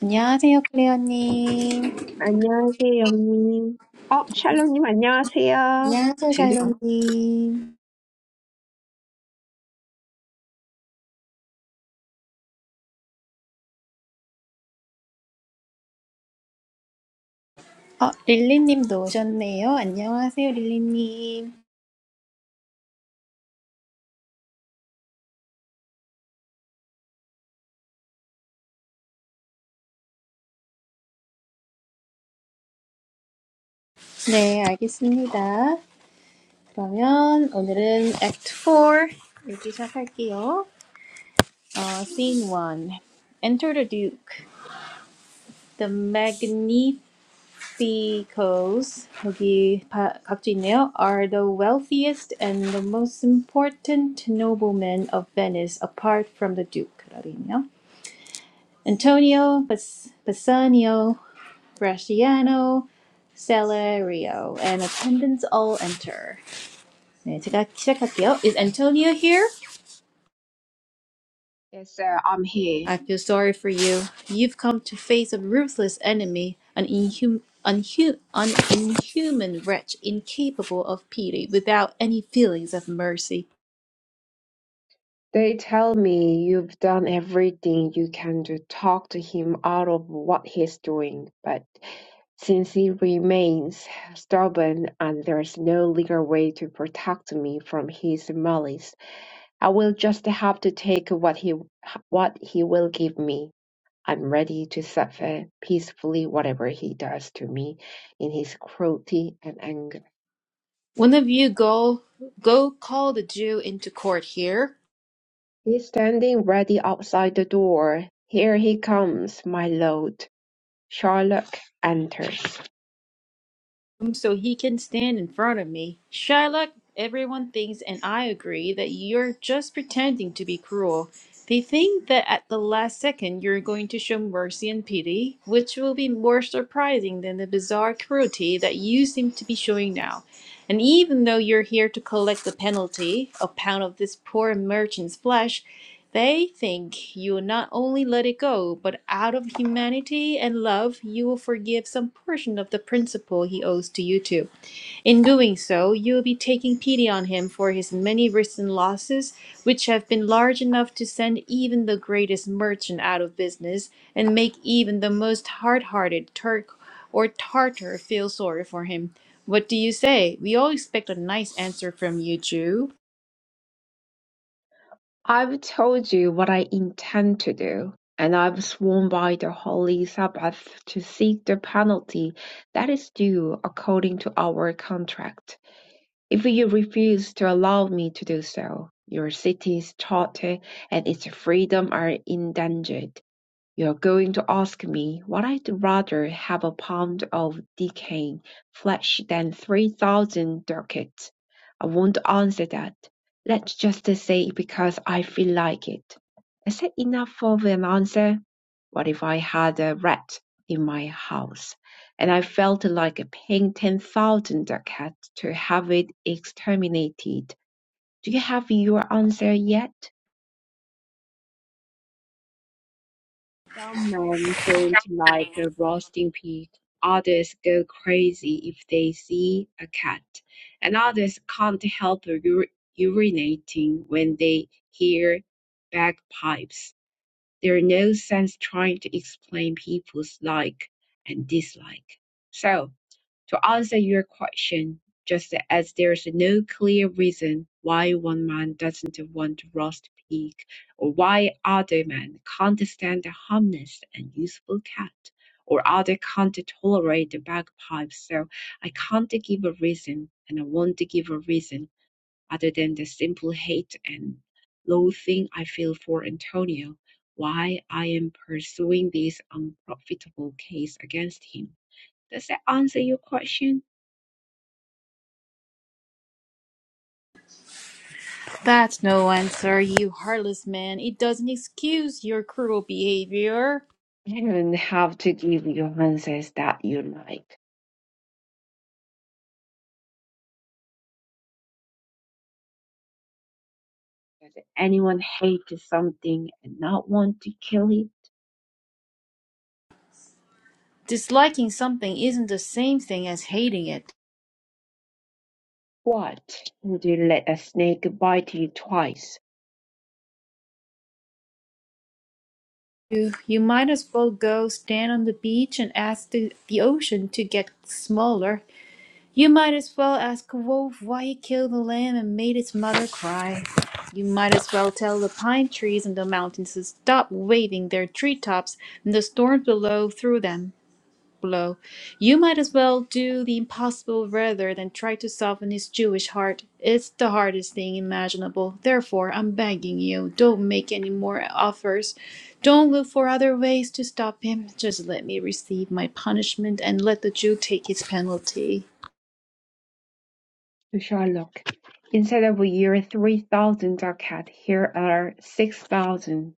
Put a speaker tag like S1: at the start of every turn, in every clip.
S1: 안녕하세요, 클레어님.
S2: 안녕하세요, 영님. 어, 샬롬님, 안녕하세요.
S1: 안녕하세요, 잘롱님. 어, 릴리님도 오셨네요. 안녕하세요, 릴리님. 네, 알겠습니다. 그러면 오늘은 Act 4 여기 시작할게요. 어, scene 1. Enter the Duke. The Magnificos, 여기 바, 각주 있네요, are the wealthiest and the most important noblemen of Venice apart from the Duke. 라고 있네요. Antonio Bassanio Bresciano Celerio and attendants all enter. 네, 제가 시작할게요. Is Antonio here?
S2: Yes, sir, I'm here.
S1: I feel sorry for you. You've come to face a ruthless enemy, an inhum unhu- an inhuman wretch incapable of pity without any feelings of mercy.
S2: They tell me you've done everything you can to talk to him out of what he's doing, but since he remains stubborn and there's no legal way to protect me from his malice, I will just have to take what he what he will give me. I'm ready to suffer peacefully whatever he does to me in his cruelty and anger.
S1: One of you go go call the Jew into court here
S2: He's standing ready outside the door. Here he comes, my lord. Sherlock enters.
S1: so he can stand in front of me. Shylock, everyone thinks, and I agree, that you're just pretending to be cruel. They think that at the last second you're going to show mercy and pity, which will be more surprising than the bizarre cruelty that you seem to be showing now. And even though you're here to collect the penalty, a pound of this poor merchant's flesh, they think you will not only let it go, but out of humanity and love, you will forgive some portion of the principal he owes to you too. In doing so, you will be taking pity on him for his many risks and losses, which have been large enough to send even the greatest merchant out of business and make even the most hard hearted Turk or Tartar feel sorry for him. What do you say? We all expect a nice answer from you, Jew.
S2: I've told you what I intend to do, and I've sworn by the holy Sabbath to seek the penalty that is due according to our contract. If you refuse to allow me to do so, your city's charter and its freedom are endangered. You're going to ask me what I'd rather have a pound of decaying flesh than three thousand ducats. I won't answer that. Let's just say because I feel like it. Is that enough of an answer? What if I had a rat in my house, and I felt like paying ten thousand ducats to have it exterminated? Do you have your answer yet? Some men don't like a roasting pig, others go crazy if they see a cat, and others can't help ur- urinating when they hear bagpipes. There's no sense trying to explain people's like and dislike. So, to answer your question, just as there's no clear reason why one man doesn't want to roast pig, or why other men can't stand a harmless and useful cat, or other can't tolerate the bagpipe, so I can't give a reason, and I won't give a reason other than the simple hate and loathing I feel for Antonio, why I am pursuing this unprofitable case against him. Does that answer your question?
S1: That's no answer, you heartless man. It doesn't excuse your cruel behavior.
S2: You don't have to give your answers that you like. Does anyone hate something and not want to kill it?
S1: Disliking something isn't the same thing as hating it.
S2: What? Would you let a snake bite you twice?
S1: You, you might as well go stand on the beach and ask the, the ocean to get smaller. You might as well ask a wolf why he killed the lamb and made its mother cry. You might as well tell the pine trees and the mountains to stop waving their treetops and the storms below through them. blow. You might as well do the impossible rather than try to soften his Jewish heart. It's the hardest thing imaginable. Therefore, I'm begging you, don't make any more offers. Don't look for other ways to stop him. Just let me receive my punishment and let the Jew take his penalty.
S2: To Sherlock. Instead of year three thousand ducat, here are six thousand.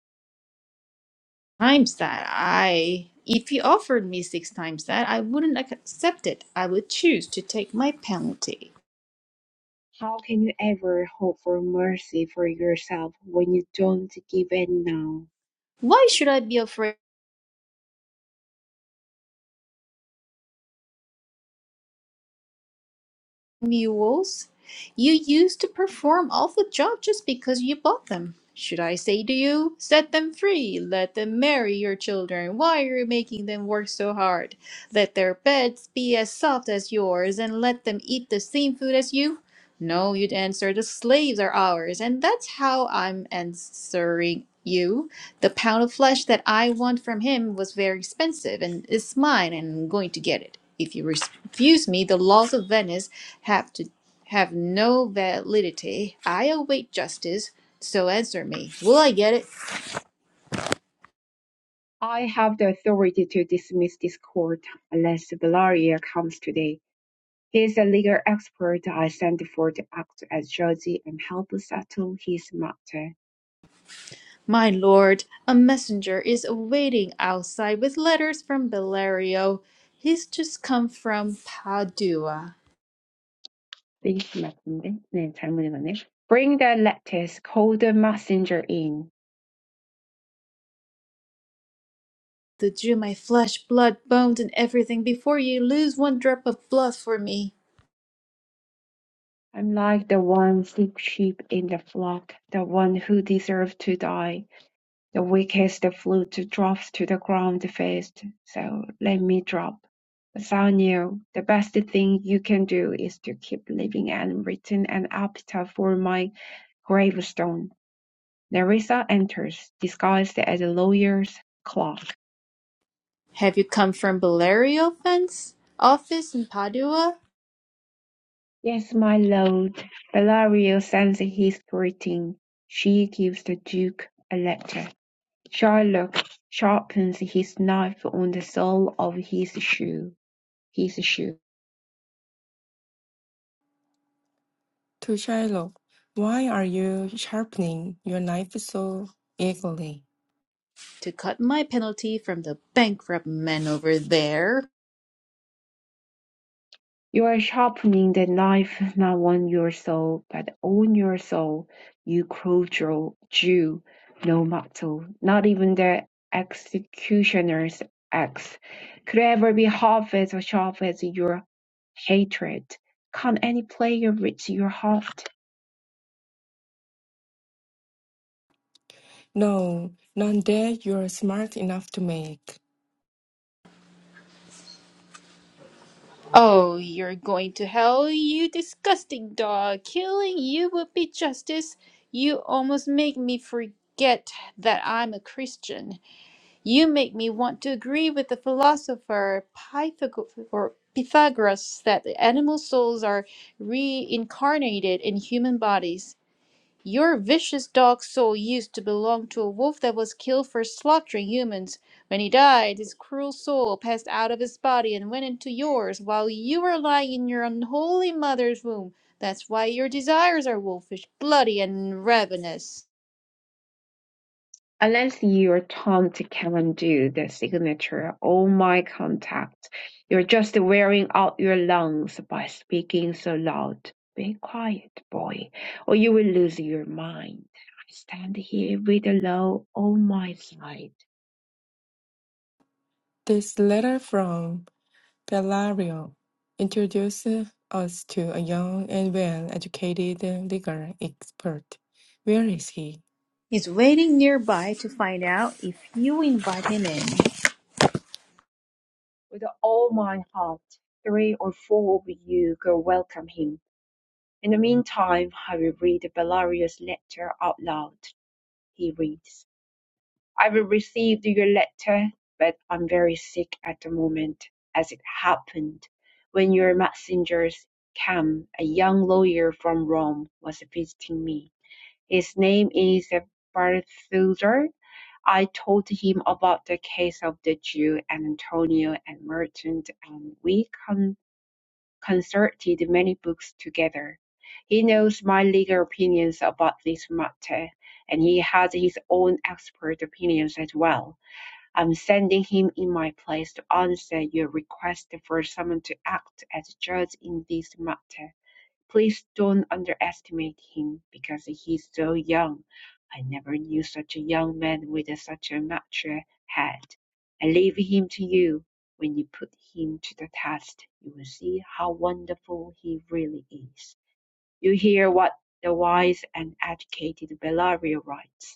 S1: Times that I. If he offered me six times that, I wouldn't ac- accept it. I would choose to take my penalty.
S2: How can you ever hope for mercy for yourself when you don't give it now?
S1: Why should I be afraid? mules you used to perform all the job just because you bought them. Should I say to you, set them free, let them marry your children? Why are you making them work so hard? Let their beds be as soft as yours, and let them eat the same food as you? No, you'd answer, the slaves are ours, and that's how I'm answering you. The pound of flesh that I want from him was very expensive, and it's mine, and I'm going to get it. If you refuse me, the laws of Venice have to have no validity. I await justice, so answer me. Will I get it?
S2: I have the authority to dismiss this court unless Valeria comes today. He is a legal expert I sent for to act as judge and help settle his matter.
S1: My lord, a messenger is awaiting outside with letters from Bellario. He's just come from Padua.
S2: 링크 맞는데? 네, 잘못 읽었네. Bring the lattice, call the messenger in.
S1: To drew my flesh, blood, bones, and everything before ye lose one drop of blood for me.
S2: I'm like the one sick sheep in the flock, the one who deserved to die. The weakest flute drops to the ground first, so let me drop. Bassanio, the best thing you can do is to keep living and return an epitaph for my gravestone Nerissa enters, disguised as a lawyer's clerk.
S1: Have you come from Bellerio fence office in Padua
S2: "Yes, my lord," Bellario sends his greeting. She gives the duke a letter. Shylock sharpens his knife on the sole of his shoe. His shoe.
S3: To Shylock, why are you sharpening your knife so eagerly?
S1: to cut my penalty from the bankrupt men over there?
S2: You are sharpening the knife not on your soul, but on your soul, you cruel Jew. No mortal, not even the executioner's axe, could ever be half as sharp as your hatred. Can't any player reach your heart?
S3: No, none that you are smart enough to make.
S1: Oh, you're going to hell, you disgusting dog! Killing you would be justice. You almost make me forget that I'm a Christian. You make me want to agree with the philosopher Pythag- or Pythagoras that the animal souls are reincarnated in human bodies. Your vicious dog soul used to belong to a wolf that was killed for slaughtering humans. When he died, his cruel soul passed out of his body and went into yours while you were lying in your unholy mother's womb. That's why your desires are wolfish, bloody, and ravenous.
S2: unless you're Tom to come and do the signature, all my contact, you're just wearing out your lungs by speaking so loud. Be quiet, boy, or you will lose your mind. I stand here with a law on my side,
S3: This letter from Bellario introduces us to a young and well-educated legal expert. Where is he?
S1: He's waiting nearby to find out if you invite him in.
S2: with all my heart. Three or four of you go welcome him. In the meantime, I will read Bellario's letter out loud. He reads. I have received your letter, but I'm very sick at the moment, as it happened. When your messengers came, a young lawyer from Rome was visiting me. His name is Barthusar. I told him about the case of the Jew and Antonio and Merchant, and we con- concerted many books together. He knows my legal opinions about this matter, and he has his own expert opinions as well I'm sending him in my place to answer your request for someone to act as judge in this matter. Please don't underestimate him because he's so young. I never knew such a young man with such a mature head. I leave him to you. When you put him to the test, you will see how wonderful he really is. You hear what the wise and educated Bellario writes.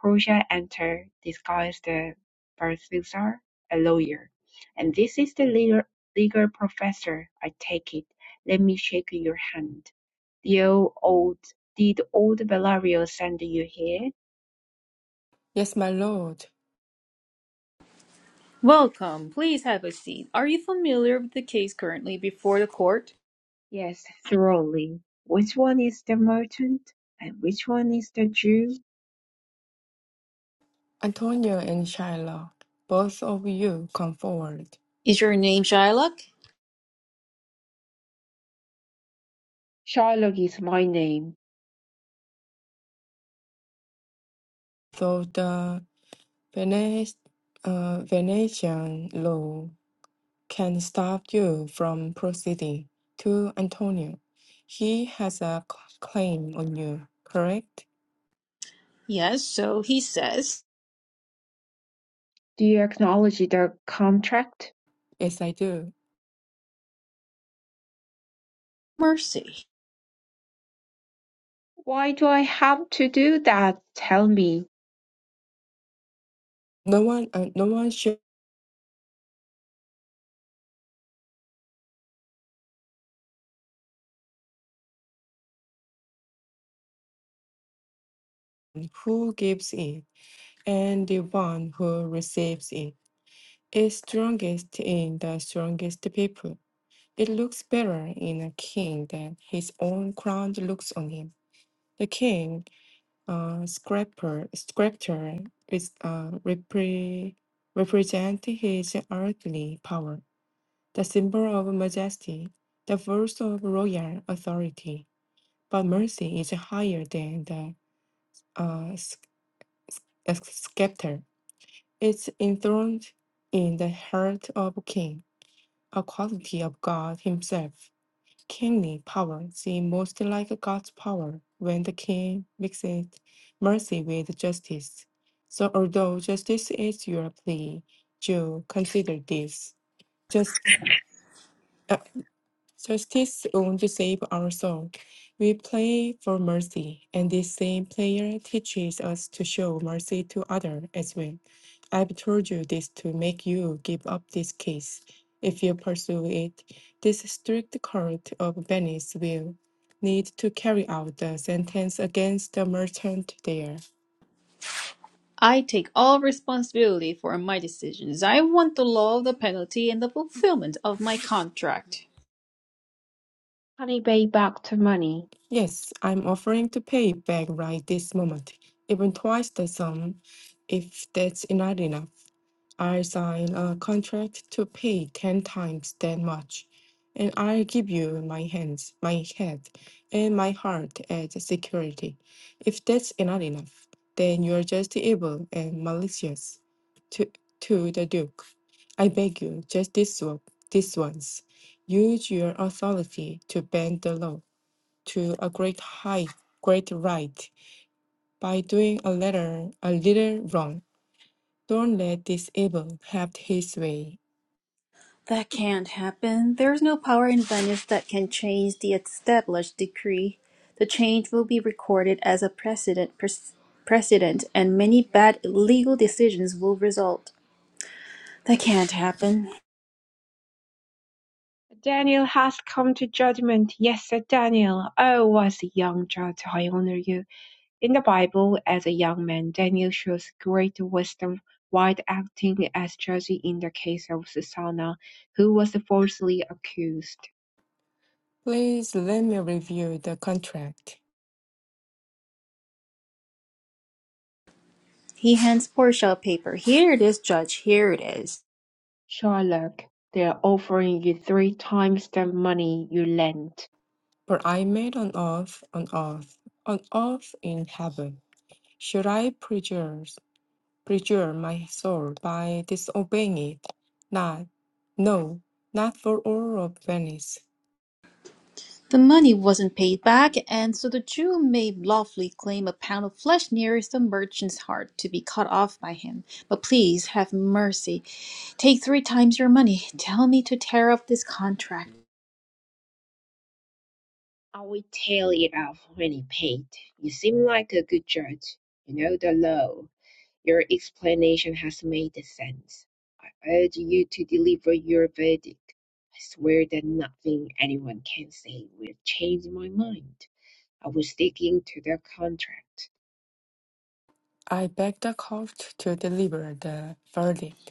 S2: Portia enters disguised as Balthazar, a lawyer. And this is the legal, legal professor, I take it. Let me shake your hand. Dear old, did old Valerio send you here?
S3: Yes, my lord.
S1: Welcome. Please have a seat. Are you familiar with the case currently before the court?
S2: Yes, thoroughly. Which one is the merchant? And which one is the Jew?
S3: Antonio and Shylock, both of you come forward.
S1: Is your name Shylock?
S2: Shylock is my name.
S3: So the Venice, uh, Venetian law can stop you from proceeding to Antonio. He has a c- claim on you, correct?
S1: Yes, so he says.
S2: Do you acknowledge the contract?
S3: Yes, I do.
S1: Mercy.
S2: Why do I have to do that? Tell me.
S3: No one, uh, no one should who gives it, and the one who receives it is strongest in the strongest people. It looks better in a king than his own crown looks on him. The king, uh, scraper, scripture is uh, repre- represent his earthly power the symbol of majesty, the verse of royal authority. But mercy is higher than the uh, s- uh, scepter. It's enthroned in the heart of a king, a quality of God himself. Kingly power seems most like God's power when the king mixes mercy with justice. So although justice is your plea, you consider this. Just uh, Justice won't save our soul. We play for mercy, and this same prayer teaches us to show mercy to others as well. I've told you this to make you give up this case. If you pursue it, this strict court of Venice will need to carry out the sentence against the merchant there.
S1: I take all responsibility for my decisions. I want the law of the penalty and the fulfillment of my contract.
S2: Honey, pay back the money.
S3: Yes, I'm offering to pay back right this moment, even twice the sum, if that's not enough. I will sign a contract to pay ten times that much, and I'll give you my hands, my head, and my heart as security. If that's not enough, then you're just evil and malicious. To to the Duke, I beg you, just this, o- this once. Use your authority to bend the law to a great height, great right, by doing a little, a little wrong. Don't let this evil have his way.
S1: That can't happen. There is no power in Venice that can change the established decree. The change will be recorded as a precedent, pres- precedent and many bad legal decisions will result. That can't happen.
S2: Daniel hath come to judgment. Yes, Sir Daniel. Oh, as a young judge, I honor you. In the Bible, as a young man, Daniel shows great wisdom while acting as judge in the case of Susanna, who was falsely accused.
S3: Please let me review the contract.
S1: He hands Portia a paper. Here it is, Judge, here it is.
S2: Sherlock, they're offering you three times the money you lent.
S3: For I made an oath, an oath, an oath in heaven. Should I perjure, perjure my soul by disobeying it? Not, no, not for all of Venice.
S1: The money wasn't paid back, and so the Jew may lawfully claim a pound of flesh nearest the merchant's heart to be cut off by him. But please have mercy. Take three times your money. Tell me to tear up this contract.
S2: I will tell it off when he paid. You seem like a good judge. You know the law. Your explanation has made sense. I urge you to deliver your verdict. I swear that nothing anyone can say will change my mind. I was sticking to the contract.
S3: I beg the court to deliver the verdict.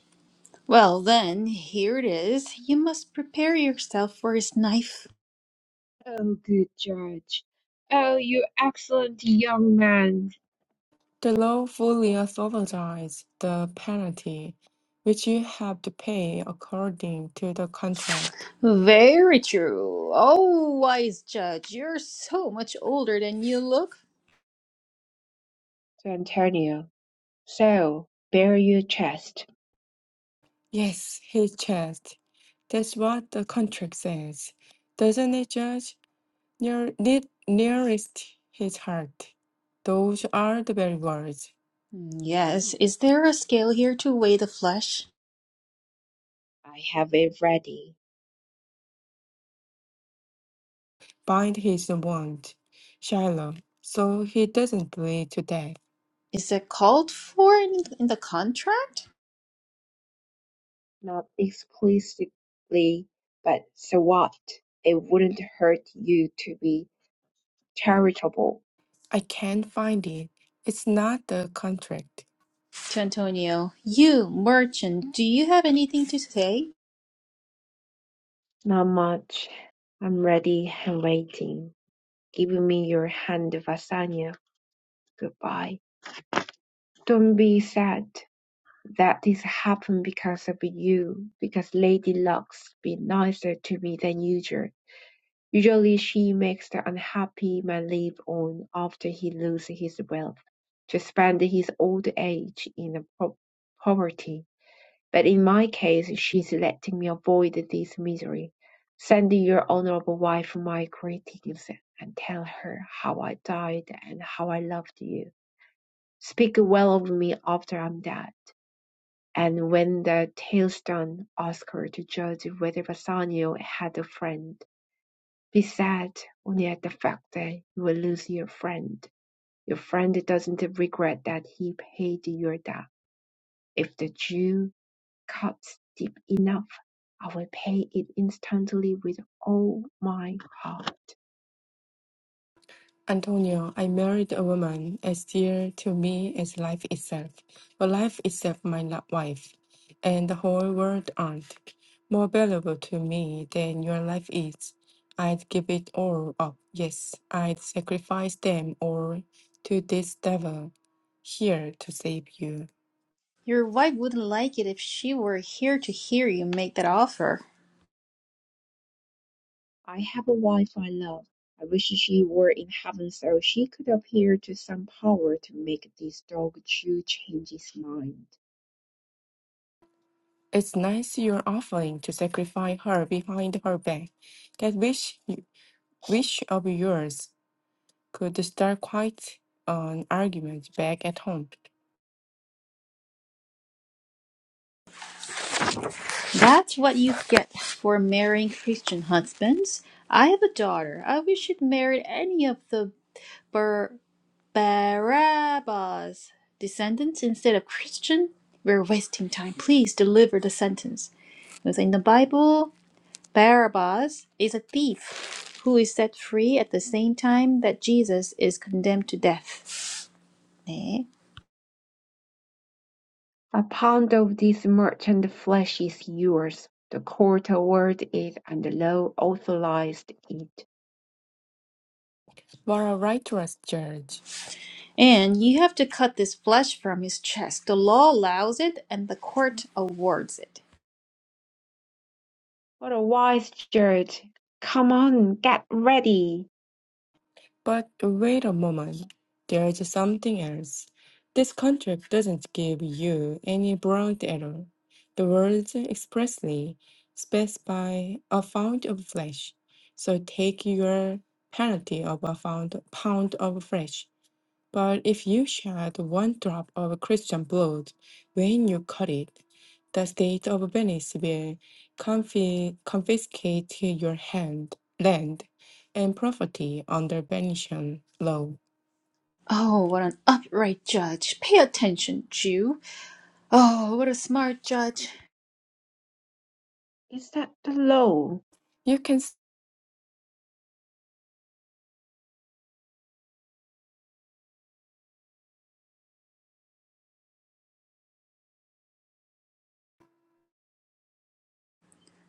S1: Well, then, here it is. You must prepare yourself for his knife.
S2: Oh, good judge. Oh, you excellent young man.
S3: The law fully authorizes the penalty, which you have to pay according to the contract.
S1: Very true. Oh, wise judge, you're so much older than you look.
S2: To Antonio. So, bare your chest.
S3: Yes, he checked. That's what the contract says. Doesn't it, Judge? Near, ne- nearest his heart. Those are the very words.
S1: Mm, Yes. Is there a scale here to weigh the flesh?
S2: I have it ready.
S3: Bind his wound, Shiloh, so he doesn't bleed to death.
S1: Is it called for in, in the contract?
S2: Not explicitly, but so what? It wouldn't hurt you to be charitable
S3: I can't find it. It's not the contract.
S1: To Antonio, you, merchant, do you have anything to say?
S2: Not much. I'm ready and waiting. Give me your hand, Vasanya. Goodbye. Don't be sad that this happened because of you, because Lady Lux be nicer to me than usual. Usually she makes the unhappy man live on after he loses his wealth, to spend his old age in a po- poverty. But in my case she's letting me avoid this misery. Send your honorable wife my greetings and tell her how I died and how I loved you. Speak well of me after I'm dead. And when the tale's done, ask her to judge whether Bassanio had a friend. Be sad only at the fact that you will lose your friend. Your friend doesn't regret that he paid your debt. If the Jew cuts deep enough, I will pay it instantly with all my heart.
S3: Antonio, I married a woman as dear to me as life itself, but life itself my lo- wife, and the whole world aren't. More valuable to me than your life is. I'd give it all up, yes, I'd sacrifice them all to this devil here to save you.
S1: Your wife wouldn't like it if she were here to hear you make that offer.
S2: I have a wife I love. I wish she were in heaven so she could appeal to some power to make this dog Jew change his mind.
S3: It's nice you're offering to sacrifice her behind her back. That wish, wish of yours could start quite an argument back at home
S1: That's what you get for marrying Christian husbands. I have a daughter. I wish she'd married any of the Barabbas. Descendants instead of Christian? We're wasting time. Please deliver the sentence. Because in the Bible, Barabbas is a thief who is set free at the same time that Jesus is condemned to death. 네.
S2: A pound of this merchant flesh is yours. The court awarded it, and the law authorized it.
S3: for a righteous judge.
S1: And you have to cut this flesh from his chest. The law allows it, and the court awards it.
S2: What a wise judge! Come on, get ready.
S3: But wait a moment, there's something else. This contract doesn't give you any broad error. The words expressly specify a pound of flesh, so take your penalty of a pound, pound of flesh. But if you shed one drop of Christian blood when you cut it, the state of Venice will confi- confiscate your hand, land and property under Venetian law.
S1: Oh, what an upright judge. Pay attention, Jew. Oh, what a smart judge.
S2: Is that the law?
S3: You can s-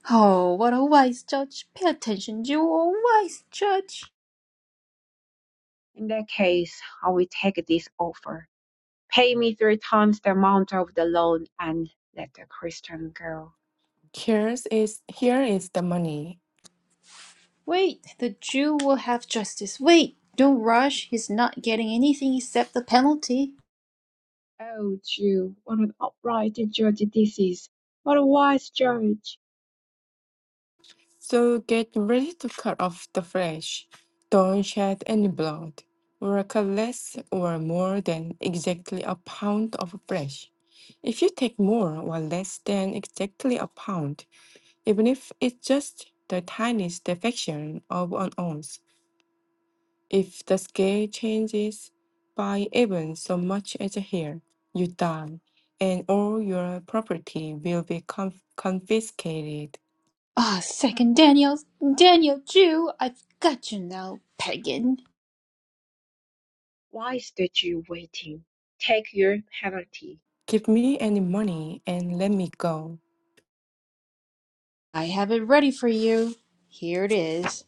S1: Oh, what a wise judge! Pay attention, Jew, oh wise judge!
S2: In that case, I will take this offer. Pay me three times the amount of the loan and let the Christian go.
S3: here's is here is the money
S1: Wait, the Jew will have justice. Wait, don't rush. He's not getting anything except the penalty.
S2: Oh, Jew, what an upright judge this is! What a wise judge!
S3: So get ready to cut off the flesh. Don't shed any blood, or cut less or more than exactly a pound of flesh. If you take more or less than exactly a pound, even if it's just the tiniest fraction of an ounce, if the scale changes by even so much as a hair, you die, and all your property will be conf- confiscated.
S1: Ah, second Daniel, Daniel, Jew, I've got you now, pagan.
S2: Why is the Jew waiting? Take your penalty.
S3: Give me any money and let me go.
S1: I have it ready for you. Here it is.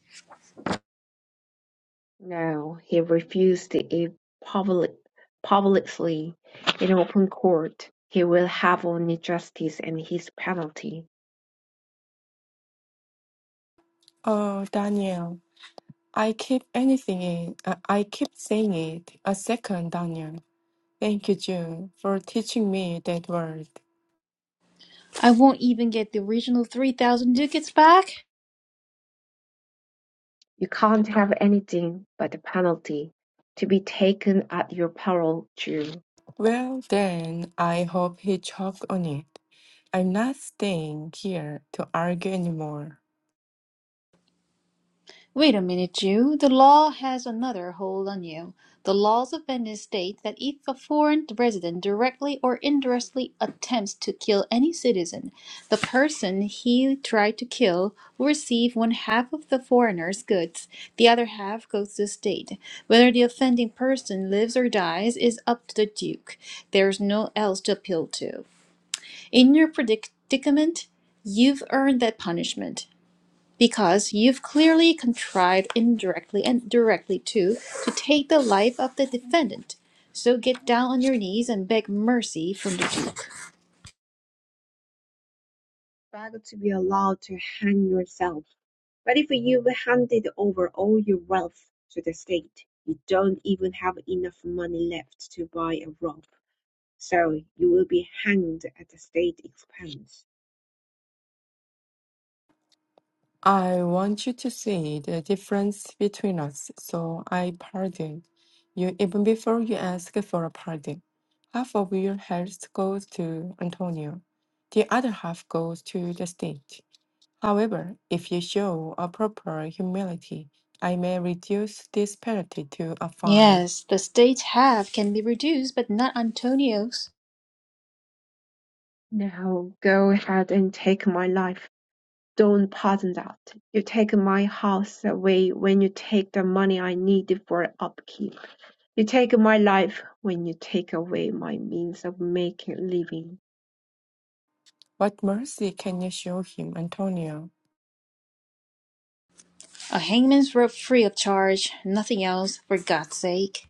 S2: No, he refused it public, publicly in open court. He will have only justice and his penalty.
S3: Oh, Daniel, I keep anything in. I I keep saying it. A second, Daniel. Thank you, June, for teaching me that word.
S1: I won't even get the original 3,000 ducats back.
S2: You can't have anything but the penalty, to be taken at your peril to
S3: Well, then, I hope he choked on it. I'm not staying here to argue anymore.
S1: Wait a minute, Jew. The law has another hold on you. The laws of Venice state that if a foreign resident directly or indirectly attempts to kill any citizen, the person he tried to kill will receive one half of the foreigner's goods. The other half goes to the state. Whether the offending person lives or dies is up to the Duke. There's no else to appeal to. In your predicament, you've earned that punishment because you've clearly contrived indirectly and directly too to take the life of the defendant. So get down on your knees and beg mercy from the Duke.
S2: beg to be allowed to hang yourself. But if you've handed over all your wealth to the state, you don't even have enough money left to buy a rope, so you will be hanged at the state expense.
S3: I want you to see the difference between us, so I pardon you even before you ask for a pardon. Half of your health goes to Antonio, the other half goes to the state. However, if you show a proper humility, I may reduce this penalty to a fine.
S1: Yes, the state's half can be reduced, but not Antonio's.
S2: Now go ahead and take my life. Don't pardon that. You take my house away when you take the money I need for upkeep. You take my life when you take away my means of making a living.
S3: What mercy can you show him, Antonio?
S1: A hangman's rope free of charge, nothing else, for God's sake.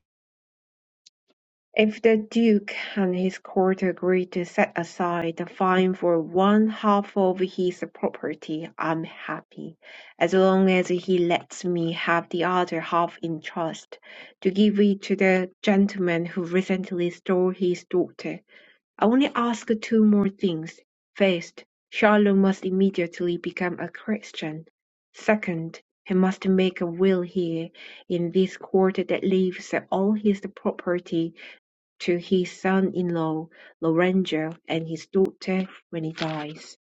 S2: If the duke and his court agree to set aside the fine for one half of his property, I'm happy, as long as he lets me have the other half in trust, to give it to the gentleman who recently stole his daughter. I only ask two more things: first, Shalom must immediately become a Christian; second, he must make a will here in this court that leaves all his property to his son-in-law Lorenzo and his daughter when he dies.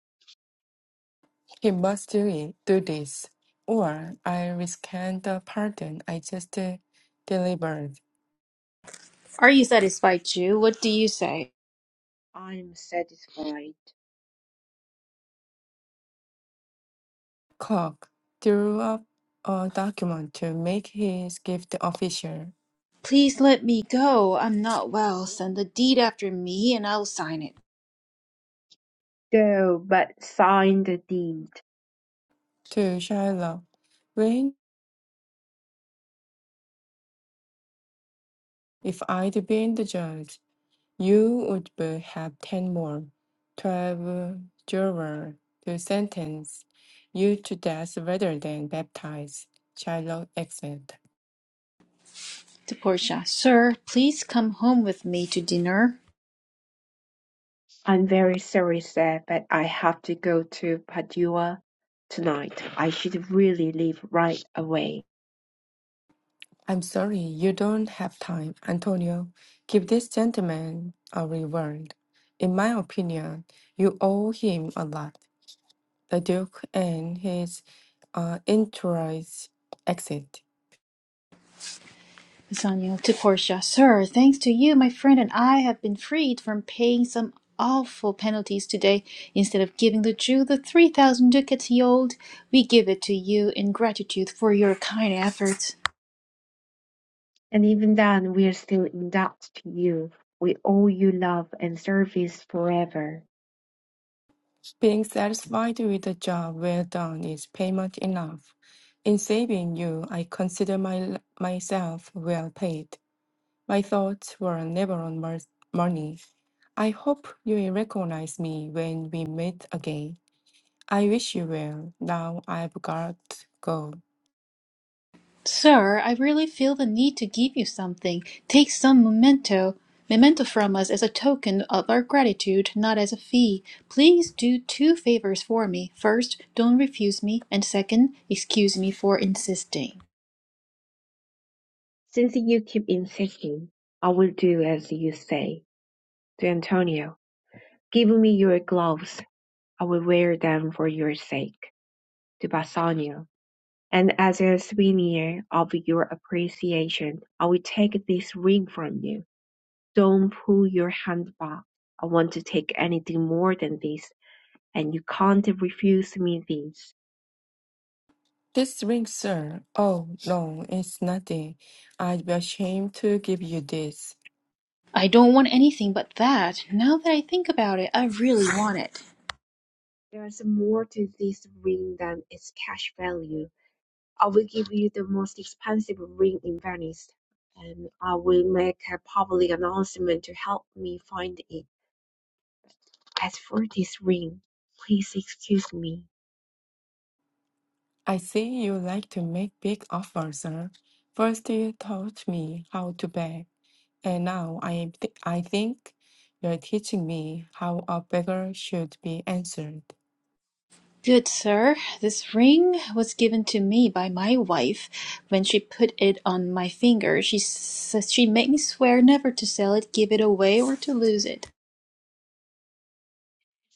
S3: He must do it, do this, or I will rescind the pardon I just uh, delivered.
S1: Are you satisfied, Jew? What do you say?
S2: I am satisfied.
S3: Cook drew up a document to make his gift official
S1: Please let me go. I'm not well. Send the deed after me, and I'll sign it.
S2: Go, but sign the deed.
S3: to Shylock. When, if I'd been the judge, you would be- have ten more, twelve jurors to sentence you to death rather than baptize. Shylock exclaimed.
S1: To Portia, sir, please come home with me to dinner.
S2: I'm very sorry, sir, but I have to go to Padua tonight. I should really leave right away.
S3: I'm sorry, you don't have time, Antonio. Give this gentleman a reward. In my opinion, you owe him a lot. the Duke and his uh, entourage exit.
S1: Bassanio to Portia, Sir, thanks to you, my friend and I have been freed from paying some awful penalties today. Instead of giving the Jew the three thousand ducats he owed, we give it to you in gratitude for your kind efforts.
S2: And even then, we're still in debt to you. We owe you love and service forever.
S3: Being satisfied with a job well done is payment enough. In saving you, I consider my, myself well paid. My thoughts were never on mer- money. I hope you will recognize me when we meet again. I wish you well. Now I've got to go.
S1: Sir, I really feel the need to give you something. Take some memento memento from us as a token of our gratitude, not as a fee. Please do two favors for me. First, don't refuse me, and second, excuse me for insisting.
S2: Since you keep insisting, I will do as you say. To Antonio, give me your gloves. I will wear them for your sake. To Bassanio, and as a souvenir of your appreciation, I will take this ring from you. Don't pull your hand back. I want to take anything more than this, and you can't refuse me this.
S3: This ring, sir. Oh, no, it's nothing. I'd be ashamed to give you this.
S1: I don't want anything but that. Now that I think about it, I really want it.
S2: There's more to this ring than its cash value. I will give you the most expensive ring in Venice, and I will make a public announcement to help me find it. As for this ring, please excuse me.
S3: I see you like to make big offers, sir. First you taught me how to beg, and now I am th- I think you're teaching me how a beggar should be answered.
S1: Good sir, this ring was given to me by my wife. When she put it on my finger, she says she made me swear never to sell it, give it away, or to lose it.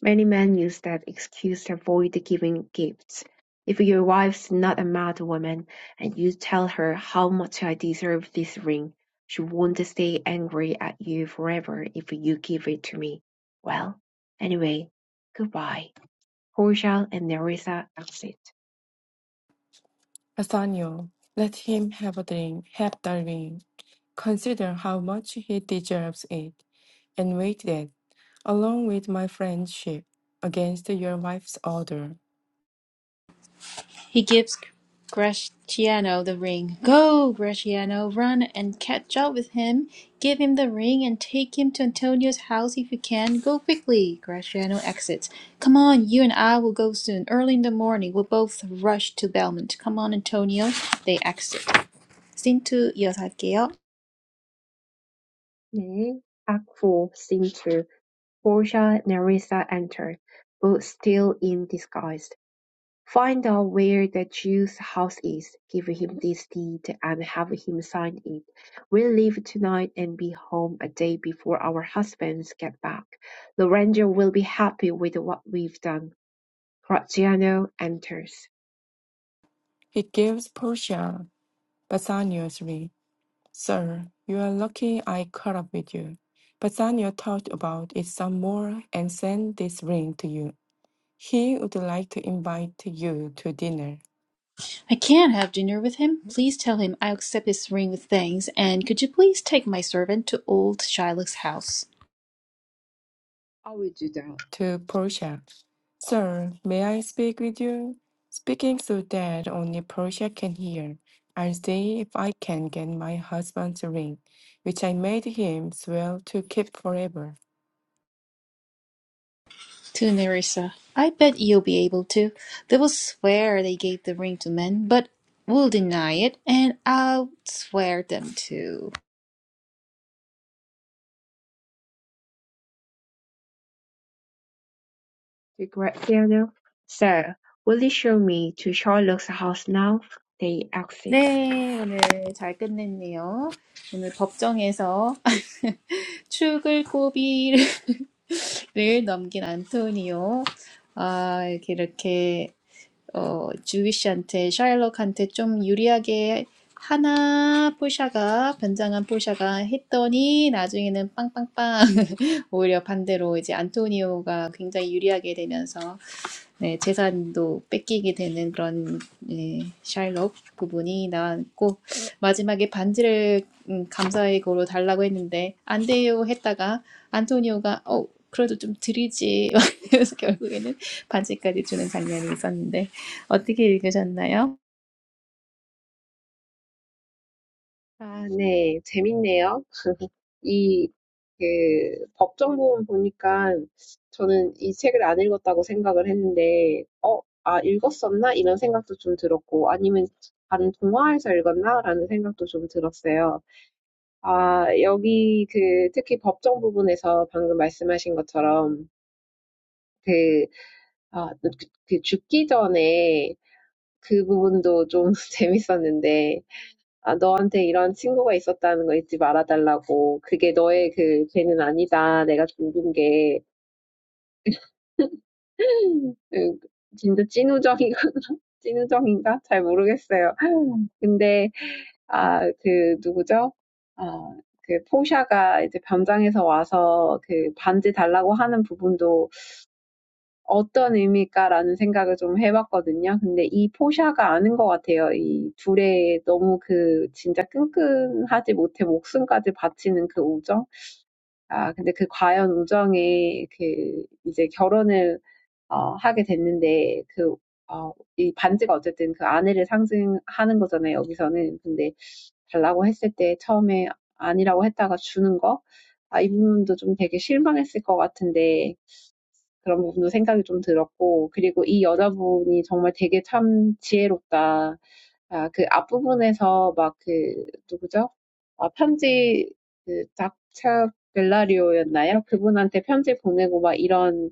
S2: Many men use that excuse to avoid giving gifts. If your wife's not a mad woman, and you tell her how much I deserve this ring, she won't stay angry at you forever if you give it to me. Well, anyway, goodbye. Portia and Nerissa exit.
S3: Nathaniel, let him have a dream, have the ring. Consider how much he deserves it, and wait that, along with my friendship, against your wife's order.
S1: He gives Gratiano the ring. Go, Gratiano, run and catch up with him. Give him the ring and take him to Antonio's house if you can. Go quickly. Gratiano exits. Come on, you and I will go soon. Early in the morning, we'll both rush to Belmont. Come on, Antonio. They exit. Cintu 이어갈게요.
S2: 네, Act 4, Scene 2. Portia and Nerissa enter, both still in disguise. Find out where the Jew's house is, give him this deed and have him sign it. We'll leave tonight and be home a day before our husbands get back. Lorenzo will be happy with what we've done. Graziano enters.
S3: He gives Portia Bassanio's ring. Sir, you are lucky I caught up with you. Bassanio thought about it some more and sent this ring to you. He would like to invite you to dinner,
S1: I can't have dinner with him. Please tell him I accept his ring with thanks, and could you please take my servant to old Shylock's house?
S2: I will do that.
S3: to Portia. Sir, may I speak with you? Speaking so that only Portia can hear, I'll see if I can get my husband's ring, which I made him swear to keep forever.
S1: To Nerissa, I bet you'll be able to. They will swear they gave the ring to men, but will deny it, and I'll swear them too.
S2: To Graziano. Sir, will you show me to Charlotte's house now? They exit.
S1: 네, 오늘 잘 끝냈네요. 오늘 법정에서 죽을 고비를 넘긴 안토니오. 아, 이렇게, 이렇게. 어, 주위시한테 샤일록한테 좀 유리하게 하나 폴샤가 변장한 폴샤가 했더니 나중에는 빵빵빵 오히려 반대로 이제 안토니오가 굉장히 유리하게 되면서 네, 재산도 뺏기게 되는 그런 네, 샤일록 부분이 나왔고 마지막에 반지를 음, 감사의 고로 달라고 했는데 안 돼요 했다가 안토니오가 어 그래도 좀 드리지 그래서 결국에는 반지까지 주는 장면이 있었는데 어떻게 읽으셨나요?
S2: 아, 네. 재밌네요. 이, 그, 법정 부분 보니까 저는 이 책을 안 읽었다고 생각을 했는데, 어, 아, 읽었었나? 이런 생각도 좀 들었고, 아니면 다른 동화에서 읽었나? 라는 생각도 좀 들었어요. 아, 여기 그, 특히 법정 부분에서 방금 말씀하신 것처럼, 그, 아, 그, 그 죽기 전에 그 부분도 좀 재밌었는데, 아, 너한테 이런 친구가 있었다는 거 잊지 말아달라고. 그게 너의 그 죄는 아니다. 내가 죽은 게. 음, 진짜 찐우정이거나 찐우정인가? 잘 모르겠어요. 근데 아, 그 누구죠? 아, 그 포샤가 이제 변장해서 와서 그 반지 달라고 하는 부분도 어떤 의미일까라는 생각을 좀 해봤거든요. 근데 이 포샤가 아는 것 같아요. 이 둘의 너무 그 진짜 끈끈하지 못해 목숨까지 바치는 그 우정. 아, 근데 그 과연 우정에 그 이제 결혼을 어, 하게 됐는데 그 어, 이 반지가 어쨌든 그 아내를 상징하는 거잖아요. 여기서는. 근데 달라고 했을 때 처음에 아니라고 했다가 주는 거. 아, 이 부분도 좀 되게 실망했을 것 같은데 그런 부분도 생각이 좀 들었고, 그리고 이 여자분이 정말 되게 참 지혜롭다. 아, 그 앞부분에서 막 그, 누구죠? 아, 편지, 그, 닥쳐 벨라리오였나요? 그분한테 편지 보내고 막 이런,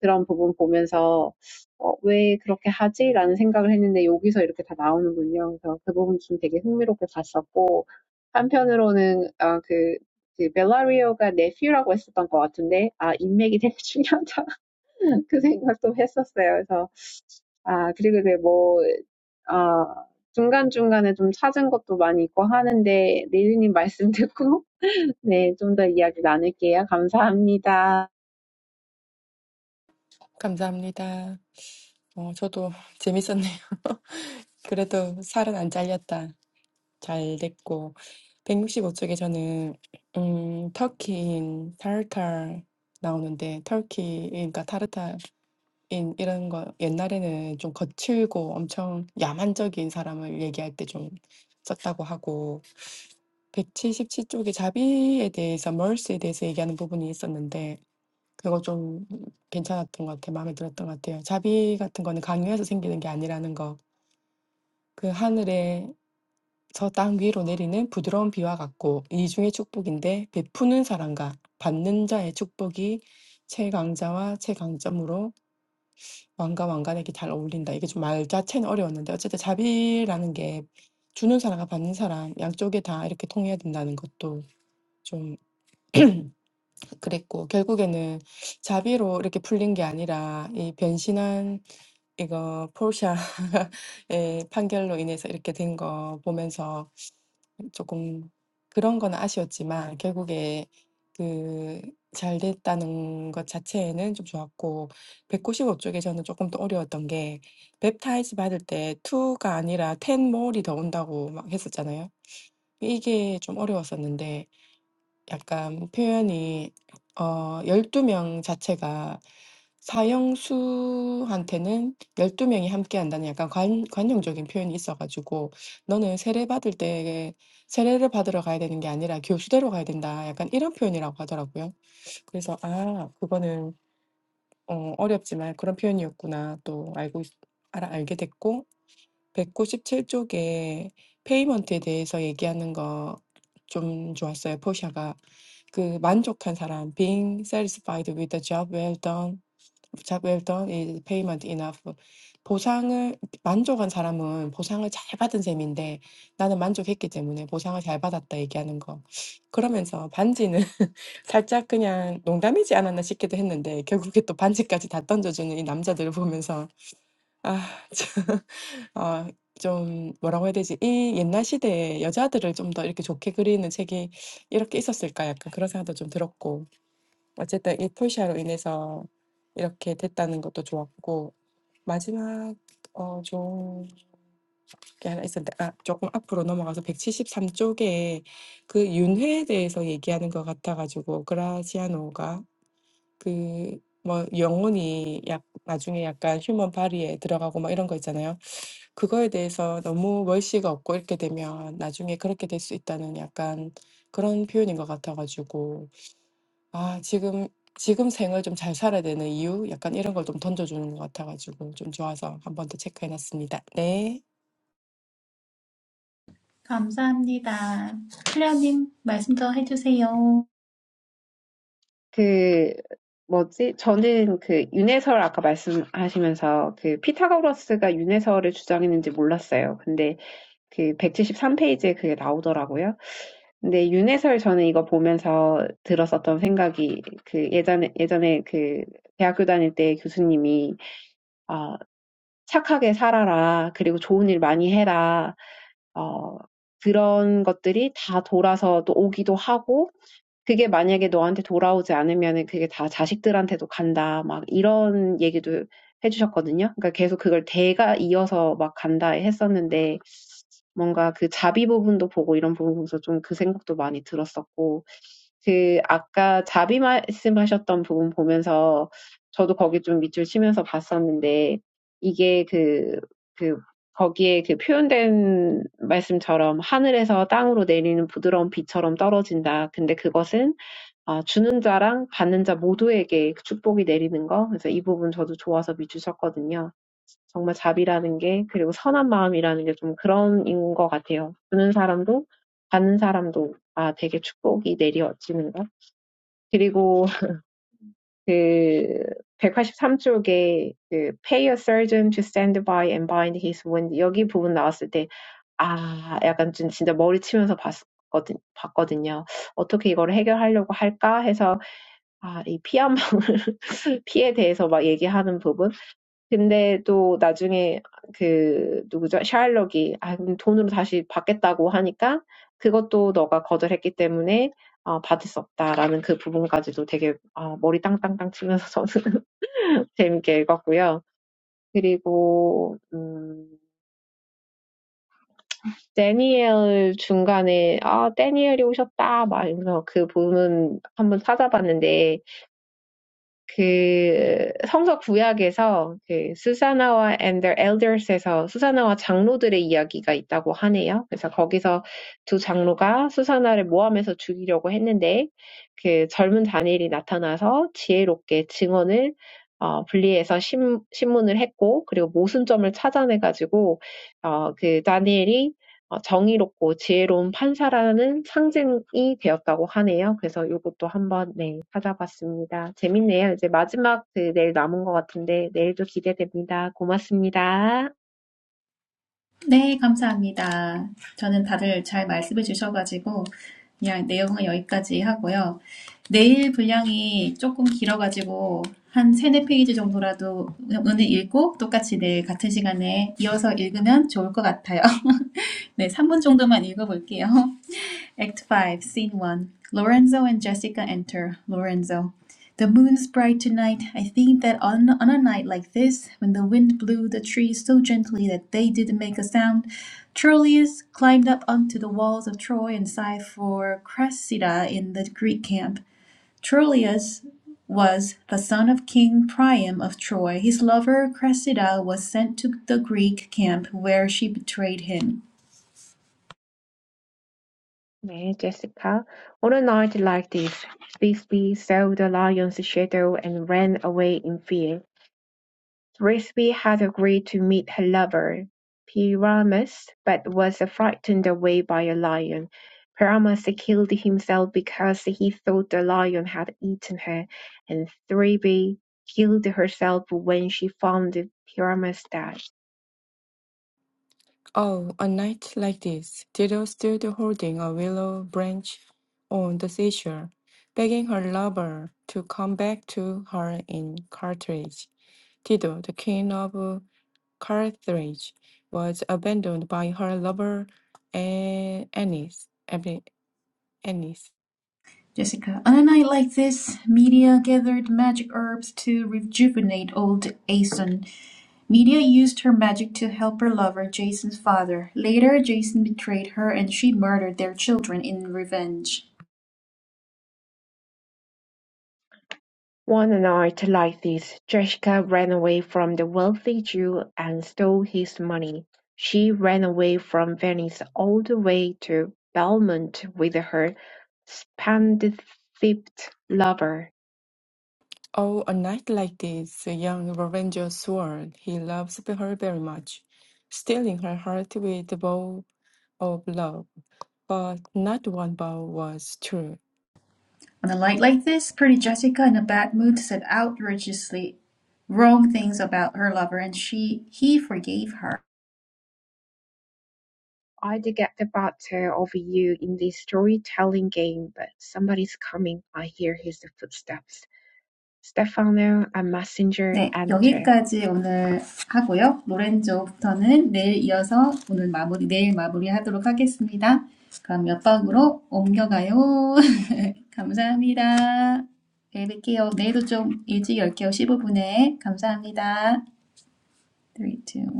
S2: 그런 부분 보면서, 어, 왜 그렇게 하지? 라는 생각을 했는데 여기서 이렇게 다 나오는군요. 그래서 그 부분 좀 되게 흥미롭게 봤었고, 한편으로는, 아, 그, 그 벨라리오가 네퓨라고 했었던 것 같은데, 아, 인맥이 되게 중요하다. 그 생각도 했었어요. 그래서 아 그리고 이제 뭐 아, 중간중간에 좀 찾은 것도 많이 있고 하는데 리리님 말씀 듣고 네, 좀 더 이야기 나눌게요. 감사합니다.
S3: 감사합니다. 어, 저도 재밌었네요. 그래도 살은 안 잘렸다. 잘 됐고 165 쪽에 저는 음 터키인 타르탈 나오는데 터키인 그러니까 타르탈인 이런 거 옛날에는 좀 거칠고 엄청 야만적인 사람을 얘기할 때 좀 썼다고 하고 177 쪽에 자비에 대해서 mercy에 대해서 얘기하는 부분이 있었는데 그거 좀 괜찮았던 것 같아요. 마음에 들었던 것 같아요. 자비 같은 거는 강요해서 생기는 게 아니라는 거. 그 하늘에 저 땅 위로 내리는 부드러운 비와 같고 이중의 축복인데 베푸는 사람과 받는 자의 축복이 최강자와 최강점으로 왕과 왕관에게 잘 어울린다. 이게 좀 말 자체는 어려웠는데 어쨌든 자비라는 게 주는 사람과 받는 사람 양쪽에 다 이렇게 통해야 된다는 것도 좀 그랬고 결국에는 자비로 이렇게 풀린 게 아니라 이 변신한 이거 포르샤의 판결로 인해서 이렇게 된거 보면서 조금 그런 건 아쉬웠지만 결국에 그 잘 됐다는 것 자체에는 좀 좋았고 195 쪽에 저는 조금 더 어려웠던 게 웹타이즈 받을 때2 아니라 10 more이 더 온다고 막 했었잖아요. 이게 좀 어려웠었는데 약간 표현이 어 열두 명 자체가 사형수한테는 열두 명이 함께한다는 약간 관 관용적인 표현이 있어가지고 "너는 세례 받을 때 세례를 받으러 가야 되는 게 아니라 교수대로 가야 된다." 약간 이런 표현이라고 하더라고요. 그래서 '아 그거는 어 어렵지만 그런 표현이었구나.' 또 알고 있 알아 알게 됐고 백구십칠 쪽에 페이먼트에 대해서 얘기하는 거 좀 좋았어요, 포샤가. 그 만족한 사람, being satisfied with the job well done, job well done is payment enough. 보상을 만족한 사람은 보상을 잘 받은 셈인데 나는 만족했기 때문에 보상을 잘 받았다 얘기하는 거. 그러면서 반지는 살짝 그냥 농담이지 않았나 싶기도 했는데 결국에 또 반지까지 다 던져주는 이 남자들을 보면서 아, 참, 어, 좀 뭐라고 해야 되지? 이 옛날 시대에 여자들을 좀 더 이렇게 좋게 그리는 책이 이렇게 있었을까 약간 그런 생각도 좀 들었고 어쨌든 이 폴샤로 인해서 이렇게 됐다는 것도 좋았고 마지막 어 좋은 게 하나 있었는데 아 조금 앞으로 넘어가서 173 쪽에 그 윤회에 대해서 얘기하는 것 같아가지고 그라시아노가 그뭐 영혼이 약 나중에 약간 휴먼 바리에 들어가고 막 이런 거 있잖아요. 그거에 대해서 너무 멀씨가 없고 이렇게 되면 나중에 그렇게 될수 있다는 약간 그런 표현인 것 같아가지고 아, 지금, 지금 생을 좀 잘 살아야 되는 이유? 약간 이런 걸 좀 던져주는 것 같아가지고 좀 좋아서 한 번 더 체크해놨습니다. 네.
S1: 감사합니다. 클레어님 말씀 더 해주세요.
S2: 그 뭐지? 저는 그 윤회설 아까 말씀하시면서 그 피타고라스가 윤회설을 주장했는지 몰랐어요. 근데 그 백칠십삼 페이지에 그게 나오더라고요. 근데 윤회설 저는 이거 보면서 들었었던 생각이 그 예전에 예전에 그 대학교 다닐 때 교수님이 어 착하게 살아라. 그리고 좋은 일 많이 해라. 어, 그런 것들이 다 돌아서 또 오기도 하고, 그게 만약에 너한테 돌아오지 않으면은 그게 다 자식들한테도 간다. 막 이런 얘기도 해주셨거든요. 그러니까 계속 그걸 대가 이어서 막 간다 했었는데 뭔가 그 자비 부분도 보고 이런 부분 보면서 좀그 생각도 많이 들었었고 그 아까 자비 말씀하셨던 부분 보면서 저도 거기 좀 밑줄 치면서 봤었는데 이게 그, 그 거기에 그 표현된 말씀처럼 하늘에서 땅으로 내리는 부드러운 비처럼 떨어진다. 근데 그것은 아 주는 자랑 받는 자 모두에게 그 축복이 내리는 거. 그래서 이 부분 저도 좋아서 밑줄 쳤거든요. 정말 자비라는 게 그리고 선한 마음이라는 게좀 그런 인것 같아요. 주는 사람도 받는 사람도 아 되게 축복이 내려지는 거. 그리고 그 183쪽에 그 pay a surgeon to stand by and bind his wound 여기 부분 나왔을 때 아 약간 좀 진짜 머리 치면서 봤거든 봤거든요. 어떻게 이거를 해결하려고 할까 해서 아이 피한 방울 피에 대해서 막 얘기하는 부분. 근데 또 나중에 그 누구죠? 샤일록이 아 그럼 돈으로 다시 받겠다고 하니까 그것도 너가 거절했기 때문에 어, 받을 수 없다라는 그 부분까지도 되게 어, 머리 땅땅땅 치면서 저는 재밌게 읽었고요. 그리고 음, 데니엘 중간에 아 데니엘이 오셨다 막 이러면서 그 부분 한번 찾아봤는데 그 성서 구약에서 그 스사나와 and their elders에서 수사나와 장로들의 이야기가 있다고 하네요. 그래서 거기서 두 장로가 수사나를 모함해서 죽이려고 했는데 그 젊은 다니엘이 나타나서 지혜롭게 증언을 어, 분리해서 심, 신문을 했고 그리고 모순점을 찾아내가지고 어, 그 다니엘이 정의롭고 지혜로운 판사라는 상징이 되었다고 하네요. 그래서 이것도 한번 네, 찾아봤습니다. 재밌네요. 이제 마지막 그 내일 남은 것 같은데 내일도 기대됩니다. 고맙습니다.
S1: 네, 감사합니다. 저는 다들 잘 말씀해 주셔가지고 그냥 내용은 여기까지 하고요. 내일 분량이 조금 길어가지고 한 세네 페이지 정도라도 오늘 읽고 똑같이 내일 같은 시간에 이어서 읽으면 좋을 것 같아요. 네, 삼 분 정도만 읽어볼게요. Act 5, Scene 1. Lorenzo and Jessica enter. Lorenzo. The moon's bright tonight. I think that on, on a night like this, when the wind blew the trees so gently that they didn't make a sound, Troilus climbed up onto the walls of Troy and sighed for Cressida in the Greek camp. Troilus was the son of King Priam of Troy. His lover Cressida was sent to the Greek camp where she betrayed him.
S2: 네, Jessica. On a night like this, Bixby saw the lion's shadow and ran away in fear. Thisbe had agreed to meet her lover, Pyramus, but was frightened away by a lion. Pyramus killed himself because he thought the lion had eaten her, and Thisbe killed herself when she found Pyramus dead.
S3: Oh, a night like this, Dido stood holding a willow branch on the seashore, begging her lover to come back to her in Carthage. Dido, the king of Carthage, was abandoned by her lover A- Aeneas. Aeneas.
S1: Jessica. On a night like this, Medea gathered magic herbs to rejuvenate old Aeson. Medea used her magic to help her lover, Jason's father. Later, Jason betrayed her and she murdered their children in revenge.
S2: One night like this, Jessica ran away from the wealthy Jew and stole his money. She ran away from Venice all the way to Belmont with her Spendthrift lover,
S3: Oh, a night like this, a young Ranger swore he loves her very much, stealing her heart with a vow of love. But not one vow was true.
S1: On a night like this, pretty Jessica, in a bad mood, said obviously wrong things about her lover and she he forgave her.
S2: I did get the better of you in this storytelling game, but somebody's coming. I hear his footsteps. Stefano, a messenger,
S1: 네,
S2: enter.
S1: 여기까지 오늘 하고요. 로렌조부터는 내일 이어서 오늘 마무리, 내일 마무리하도록 하겠습니다. 그럼 옆방으로 옮겨가요. 감사합니다. 내일 뵐게요. 내일도 좀 일찍 열게요. 십오 분에 감사합니다 감사합니다. 3, 2, 1.